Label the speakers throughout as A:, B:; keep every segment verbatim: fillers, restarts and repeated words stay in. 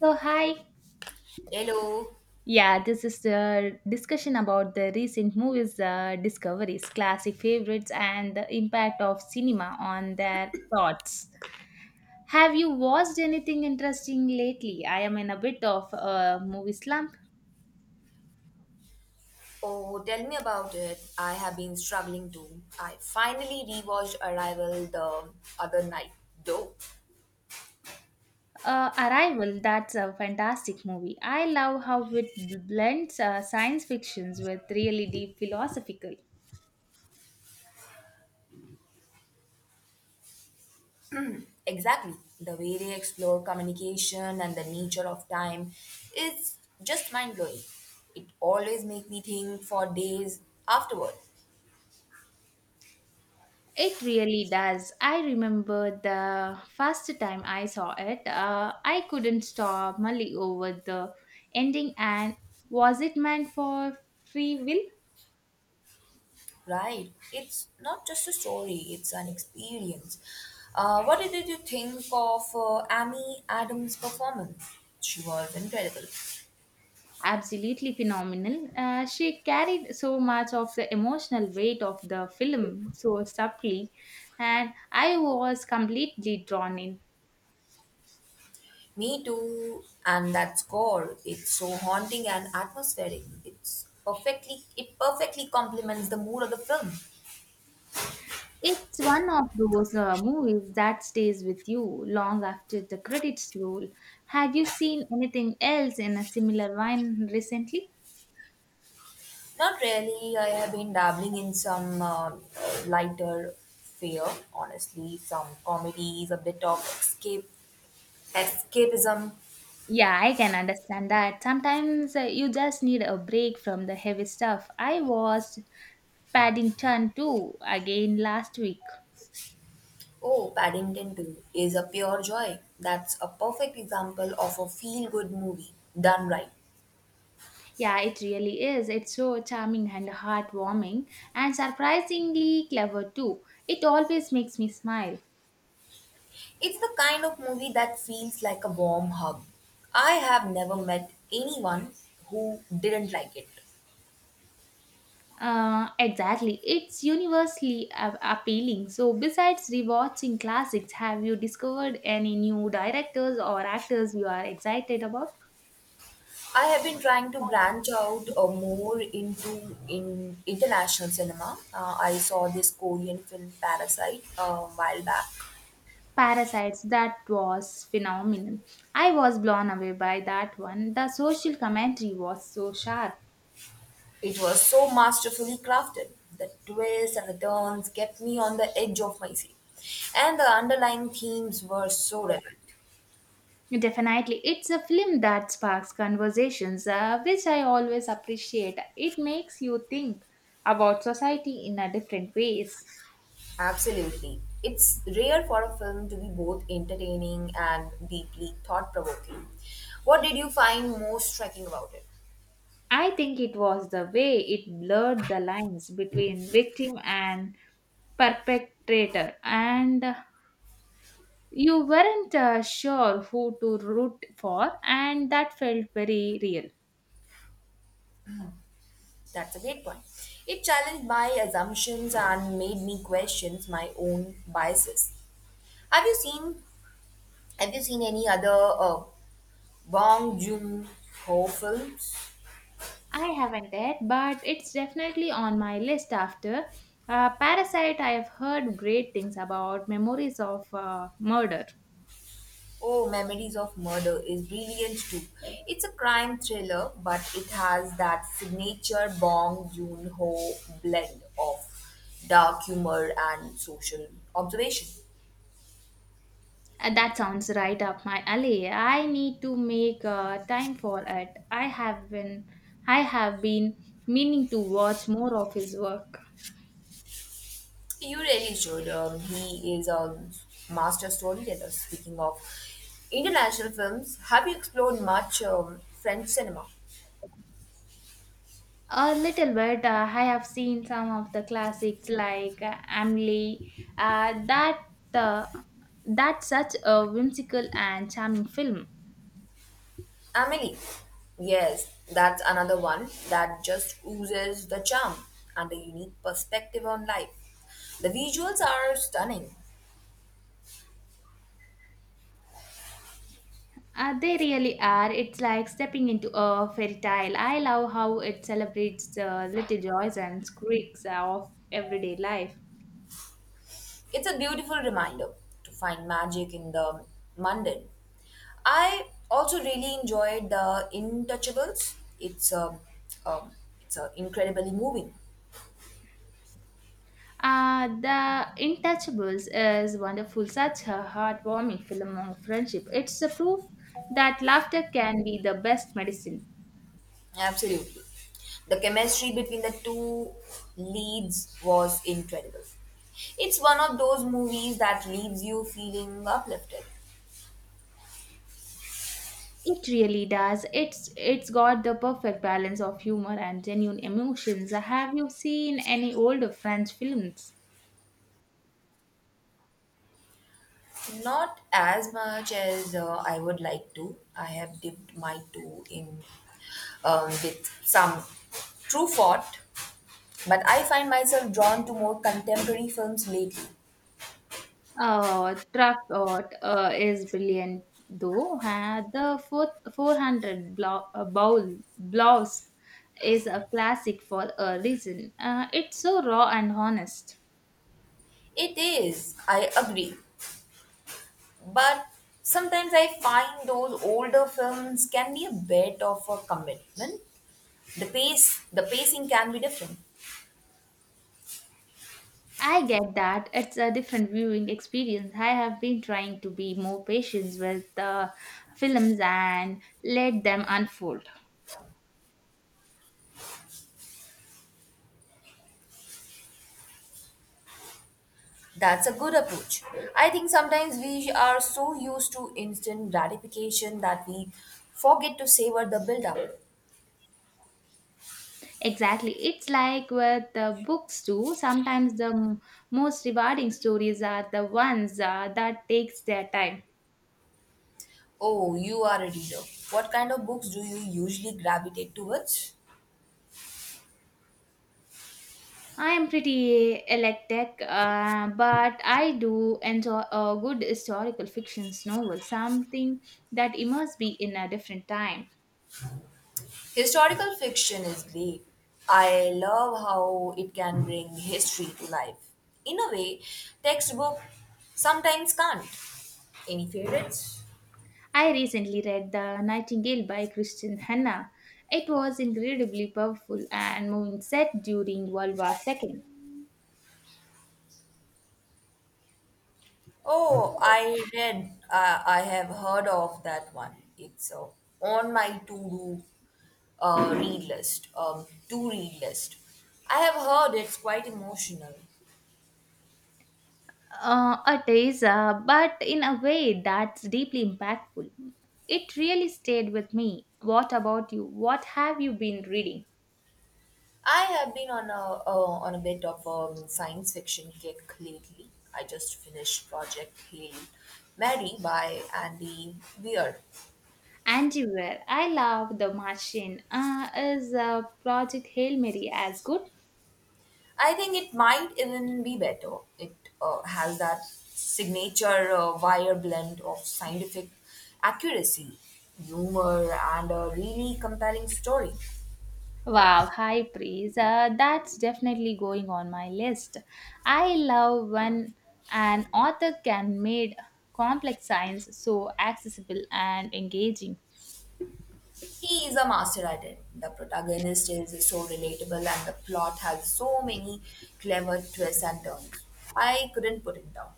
A: So, hi.
B: Hello.
A: Yeah, this is the discussion about the recent movies' uh, discoveries, classic favorites, and the impact of cinema on their thoughts. Have you watched anything interesting lately? I am in a bit of a movie slump.
B: Oh, tell me about it. I have been struggling too. I finally rewatched Arrival the other night, though.
A: Uh, Arrival, that's a fantastic movie. I love how it blends uh, science fictions with really deep philosophical.
B: Exactly. The way they explore communication and the nature of time is just mind blowing. It always makes me think for days afterward.
A: It really does. I remember the first time I saw it, uh, I couldn't stop mulling over the ending and was it meant for free will?
B: Right. It's not just a story, it's an experience. Uh, what did you think of uh, Amy Adams' performance? She was incredible.
A: Absolutely phenomenal. Uh, she carried so much of the emotional weight of the film so subtly, and I was completely drawn in.
B: Me too, and that score, it's so haunting and atmospheric. It's perfectly it perfectly complements the mood of the film.
A: It's one of those uh, movies that stays with you long after the credits roll. Have you seen anything else in a similar vein recently?
B: Not really, I have been dabbling in some um lighter fare, honestly, some comedies, a bit of escape escapism.
A: Yeah, I can understand that. Sometimes uh, you just need a break from the heavy stuff. I watched Paddington two again last week.
B: Oh, Paddington two is a pure joy. That's a perfect example of a feel good movie done right.
A: Yeah, it really is. It's so charming and heartwarming and surprisingly clever too. It always makes me smile.
B: It's the kind of movie that feels like a warm hug. I have never met anyone who didn't like it.
A: Uh, exactly. It's universally a- appealing. So, besides rewatching classics, have you discovered any new directors or actors you are excited about?
B: I have been trying to branch out uh, more into in international cinema. Uh, I saw this Korean film Parasite a while back.
A: Parasites, that was phenomenal. I was blown away by that one. The social commentary was so sharp.
B: It was so masterfully crafted. The twists and the turns kept me on the edge of my seat, and the underlying themes were so relevant.
A: Definitely, it's a film that sparks conversations, uh, which I always appreciate. It makes you think about society in a different ways.
B: Absolutely. It's rare for a film to be both entertaining and deeply thought provoking. What did you find most striking about it?
A: I think it was the way it blurred the lines between victim and perpetrator, and you weren't uh, sure who to root for, and that felt very real.
B: That's a great point. It challenged my assumptions and made me question my own biases. Have you seen Have you seen any other uh, Bong Joon Ho films?
A: I haven't yet, but it's definitely on my list after. Uh, Parasite, I have heard great things about memories of uh, murder.
B: Oh, Memories of Murder is brilliant too. It's a crime thriller, but it has that signature Bong Joon-ho blend of dark humor and social observation.
A: Uh, That sounds right up my alley. I need to make uh, time for it. I have been, I have been meaning to watch more of his work.
B: You really should. Um, he is a master storyteller. Speaking of international films, have you explored much um, French cinema?
A: A little bit. Uh, I have seen some of the classics like uh, Amelie. Uh, that uh, that's such a whimsical and charming film.
B: Amelie. Yes, that's another one that just oozes the charm and the unique perspective on life. The visuals are stunning.
A: Uh, they really are. It's like stepping into a fairy tale. I love how it celebrates the little joys and quirks of everyday life.
B: It's a beautiful reminder to find magic in the mundane. I also really enjoyed The Intouchables. It's a, um, it's a incredibly moving.
A: Uh, The Intouchables is wonderful, such a heartwarming film on friendship. It's a proof that laughter can be the best medicine.
B: Absolutely. The chemistry between the two leads was incredible. It's one of those movies that leaves you feeling uplifted.
A: It really does. It's it's got the perfect balance of humor and genuine emotions. Have you seen any older French films?
B: Not as much as uh, I would like to. I have dipped my toe in um, with some true thought, but I find myself drawn to more contemporary films lately.
A: Uh, Trapot uh, is brilliant though. Uh, the four, 400 blow, uh, bowl blouse is a classic for a reason. Uh, it's so raw and honest.
B: It is, I agree. But sometimes I find those older films can be a bit of a commitment. The pace, the pacing can be different.
A: I get that. It's a different viewing experience. I have been trying to be more patient with the films and let them unfold.
B: That's a good approach. I think sometimes we are so used to instant gratification that we forget to savor the build up.
A: Exactly. It's like with the books too. Sometimes the m- most rewarding stories are the ones uh, that takes their time.
B: Oh, you are a reader. What kind of books do you usually gravitate towards?
A: I am pretty eclectic, uh, but I do enjoy a good historical fiction novel, something that immerses me in a different time.
B: Historical fiction is great. I love how it can bring history to life. In a way, textbook sometimes can't. Any favorites?
A: I recently read The Nightingale by Christian Hanna. It was incredibly powerful and moving set during World War the second.
B: Oh, I read, uh, I have heard of that one. It's uh, on my to-do uh, read list, um, to-read list. I have heard it's quite emotional.
A: Uh, it is, uh, but in a way that's deeply impactful. It really stayed with me. What about you? What have you been reading?
B: I have been on a uh, on a bit of a science fiction kick lately. I just finished Project Hail Mary by Andy Weir.
A: Antiware. I love The Martian. Uh, is uh, Project Hail Mary as good?
B: I think it might even be better. It uh, has that signature uh, wire blend of scientific accuracy, humor, and a really compelling story.
A: Wow, high praise. Uh, that's definitely going on my list. I love when an author can make complex science so accessible and engaging.
B: He is a master at it. The protagonist is so relatable, and the plot has so many clever twists and turns. I couldn't put it down.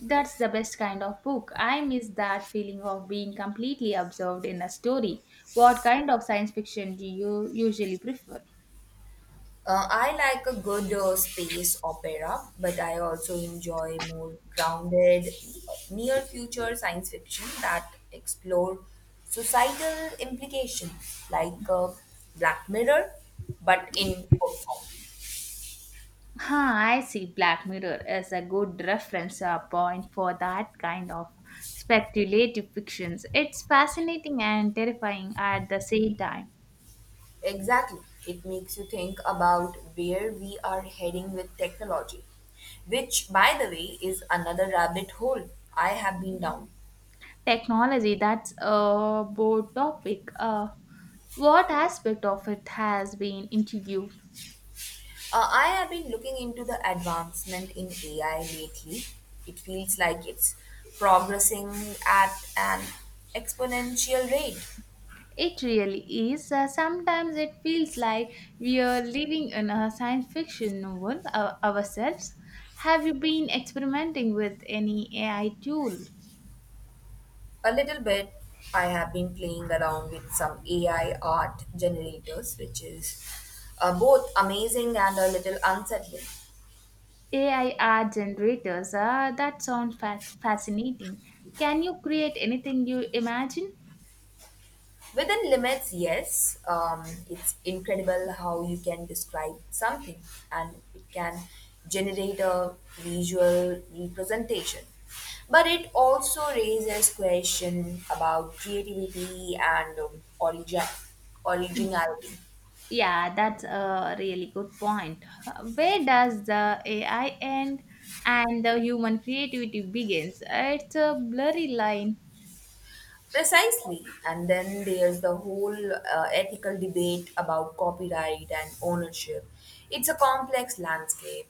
A: That's the best kind of book. I miss that feeling of being completely absorbed in a story. What kind of science fiction do you usually prefer?
B: Uh, I like a good uh, space opera, but I also enjoy more grounded, uh, near future science fiction that explore societal implications, like uh, Black Mirror, but in book form.
A: Huh, I see Black Mirror as a good reference uh, point for that kind of speculative fictions. It's fascinating and terrifying at the same time.
B: Exactly. It makes you think about where we are heading with technology, which, by the way, is another rabbit hole I have been down.
A: Technology, that's a broad topic. Uh, what aspect of it has been intrigued?
B: Uh, I have been looking into the advancement in A I lately. It feels like it's progressing at an exponential rate.
A: It really is. Uh, sometimes it feels like we are living in a science fiction novel uh, ourselves. Have you been experimenting with any A I tool?
B: A little bit, I have been playing around with some A I art generators, which is uh, both amazing and a little unsettling.
A: A I art generators. Ah, that sounds fat- fascinating. Can you create anything you imagine?
B: Within limits, yes. Um, it's incredible how you can describe something and it can generate a visual representation. But it also raises question about creativity and um, origin, originality.
A: Yeah, that's a really good point. Uh, Where does the A I end and the human creativity begins? It's a blurry line.
B: Precisely. And then there's the whole uh, ethical debate about copyright and ownership. It's a complex landscape.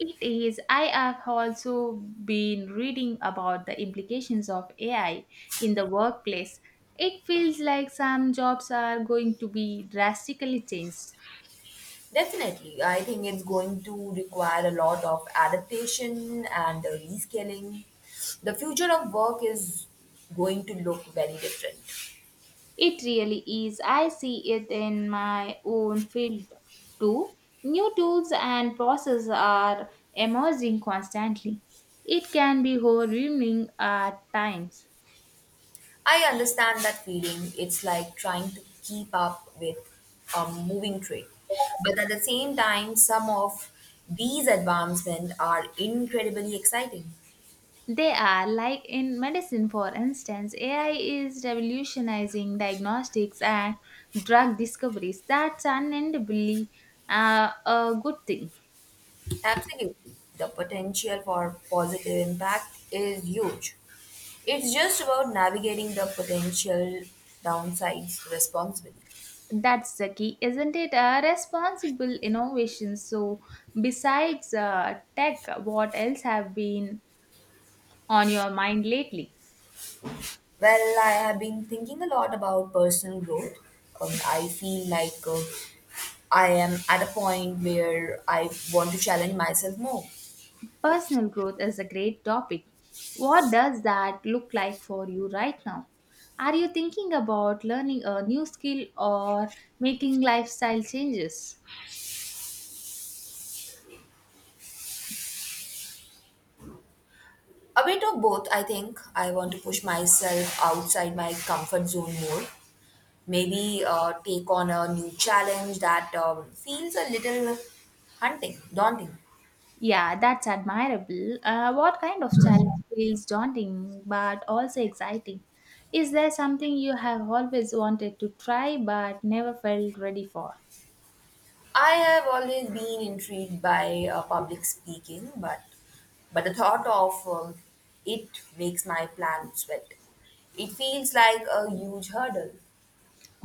A: It is. I have also been reading about the implications of A I in the workplace. It feels like some jobs are going to be drastically changed.
B: Definitely, I think it's going to require a lot of adaptation and uh, rescaling. The future of work is going to look very different.
A: It really is. I see it in my own field too. New tools and processes are emerging constantly. It can be overwhelming at times.
B: I understand that feeling. It's like trying to keep up with a moving train. But at the same time, some of these advancements are incredibly exciting.
A: They are like in medicine, for instance, A I is revolutionizing diagnostics and drug discoveries. That's unendably uh, a good thing.
B: Absolutely. The potential for positive impact is huge. It's just about navigating the potential downsides responsibly.
A: That's the key, isn't it? A responsible innovation. So, besides uh, tech, what else have been on your mind lately?
B: Well, I have been thinking a lot about personal growth. Um, I feel like uh, I am at a point where I want to challenge myself more.
A: Personal growth is a great topic. What does that look like for you right now? Are you thinking about learning a new skill or making lifestyle changes?
B: A bit of both, I think. I want to push myself outside my comfort zone more. Maybe uh, take on a new challenge that um, feels a little hunting, daunting.
A: Yeah, that's admirable. Uh, what kind of challenge feels daunting but also exciting? Is there something you have always wanted to try but never felt ready for?
B: I have always been intrigued by uh, public speaking, but but the thought of um, it makes my plan sweat. It feels like a huge hurdle.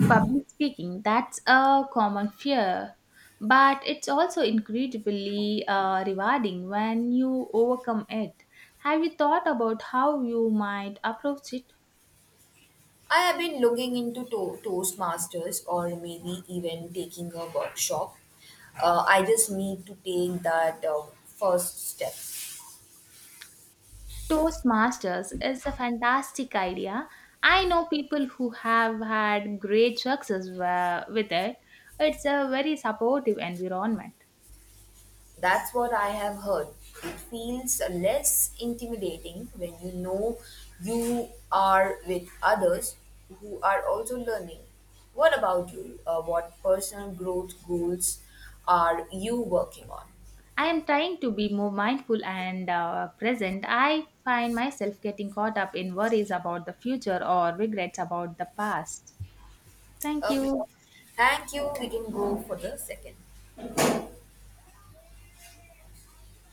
A: Public speaking, that's a common fear, but it's also incredibly uh, rewarding when you overcome it. Have you thought about how you might approach it?
B: I have been looking into to- Toastmasters or maybe even taking a workshop. Uh, I just need to take that uh, first step.
A: Toastmasters is a fantastic idea. I know people who have had great success wa- with it. It's a very supportive environment.
B: That's what I have heard. It feels less intimidating when you know you are with others who are also learning. What about you? Uh, what personal growth goals are you working on?
A: I am trying to be more mindful and uh, present. I find myself getting caught up in worries about the future or regrets about the past. Thank
B: Okay.
A: you.
B: Thank you. We can go for the second.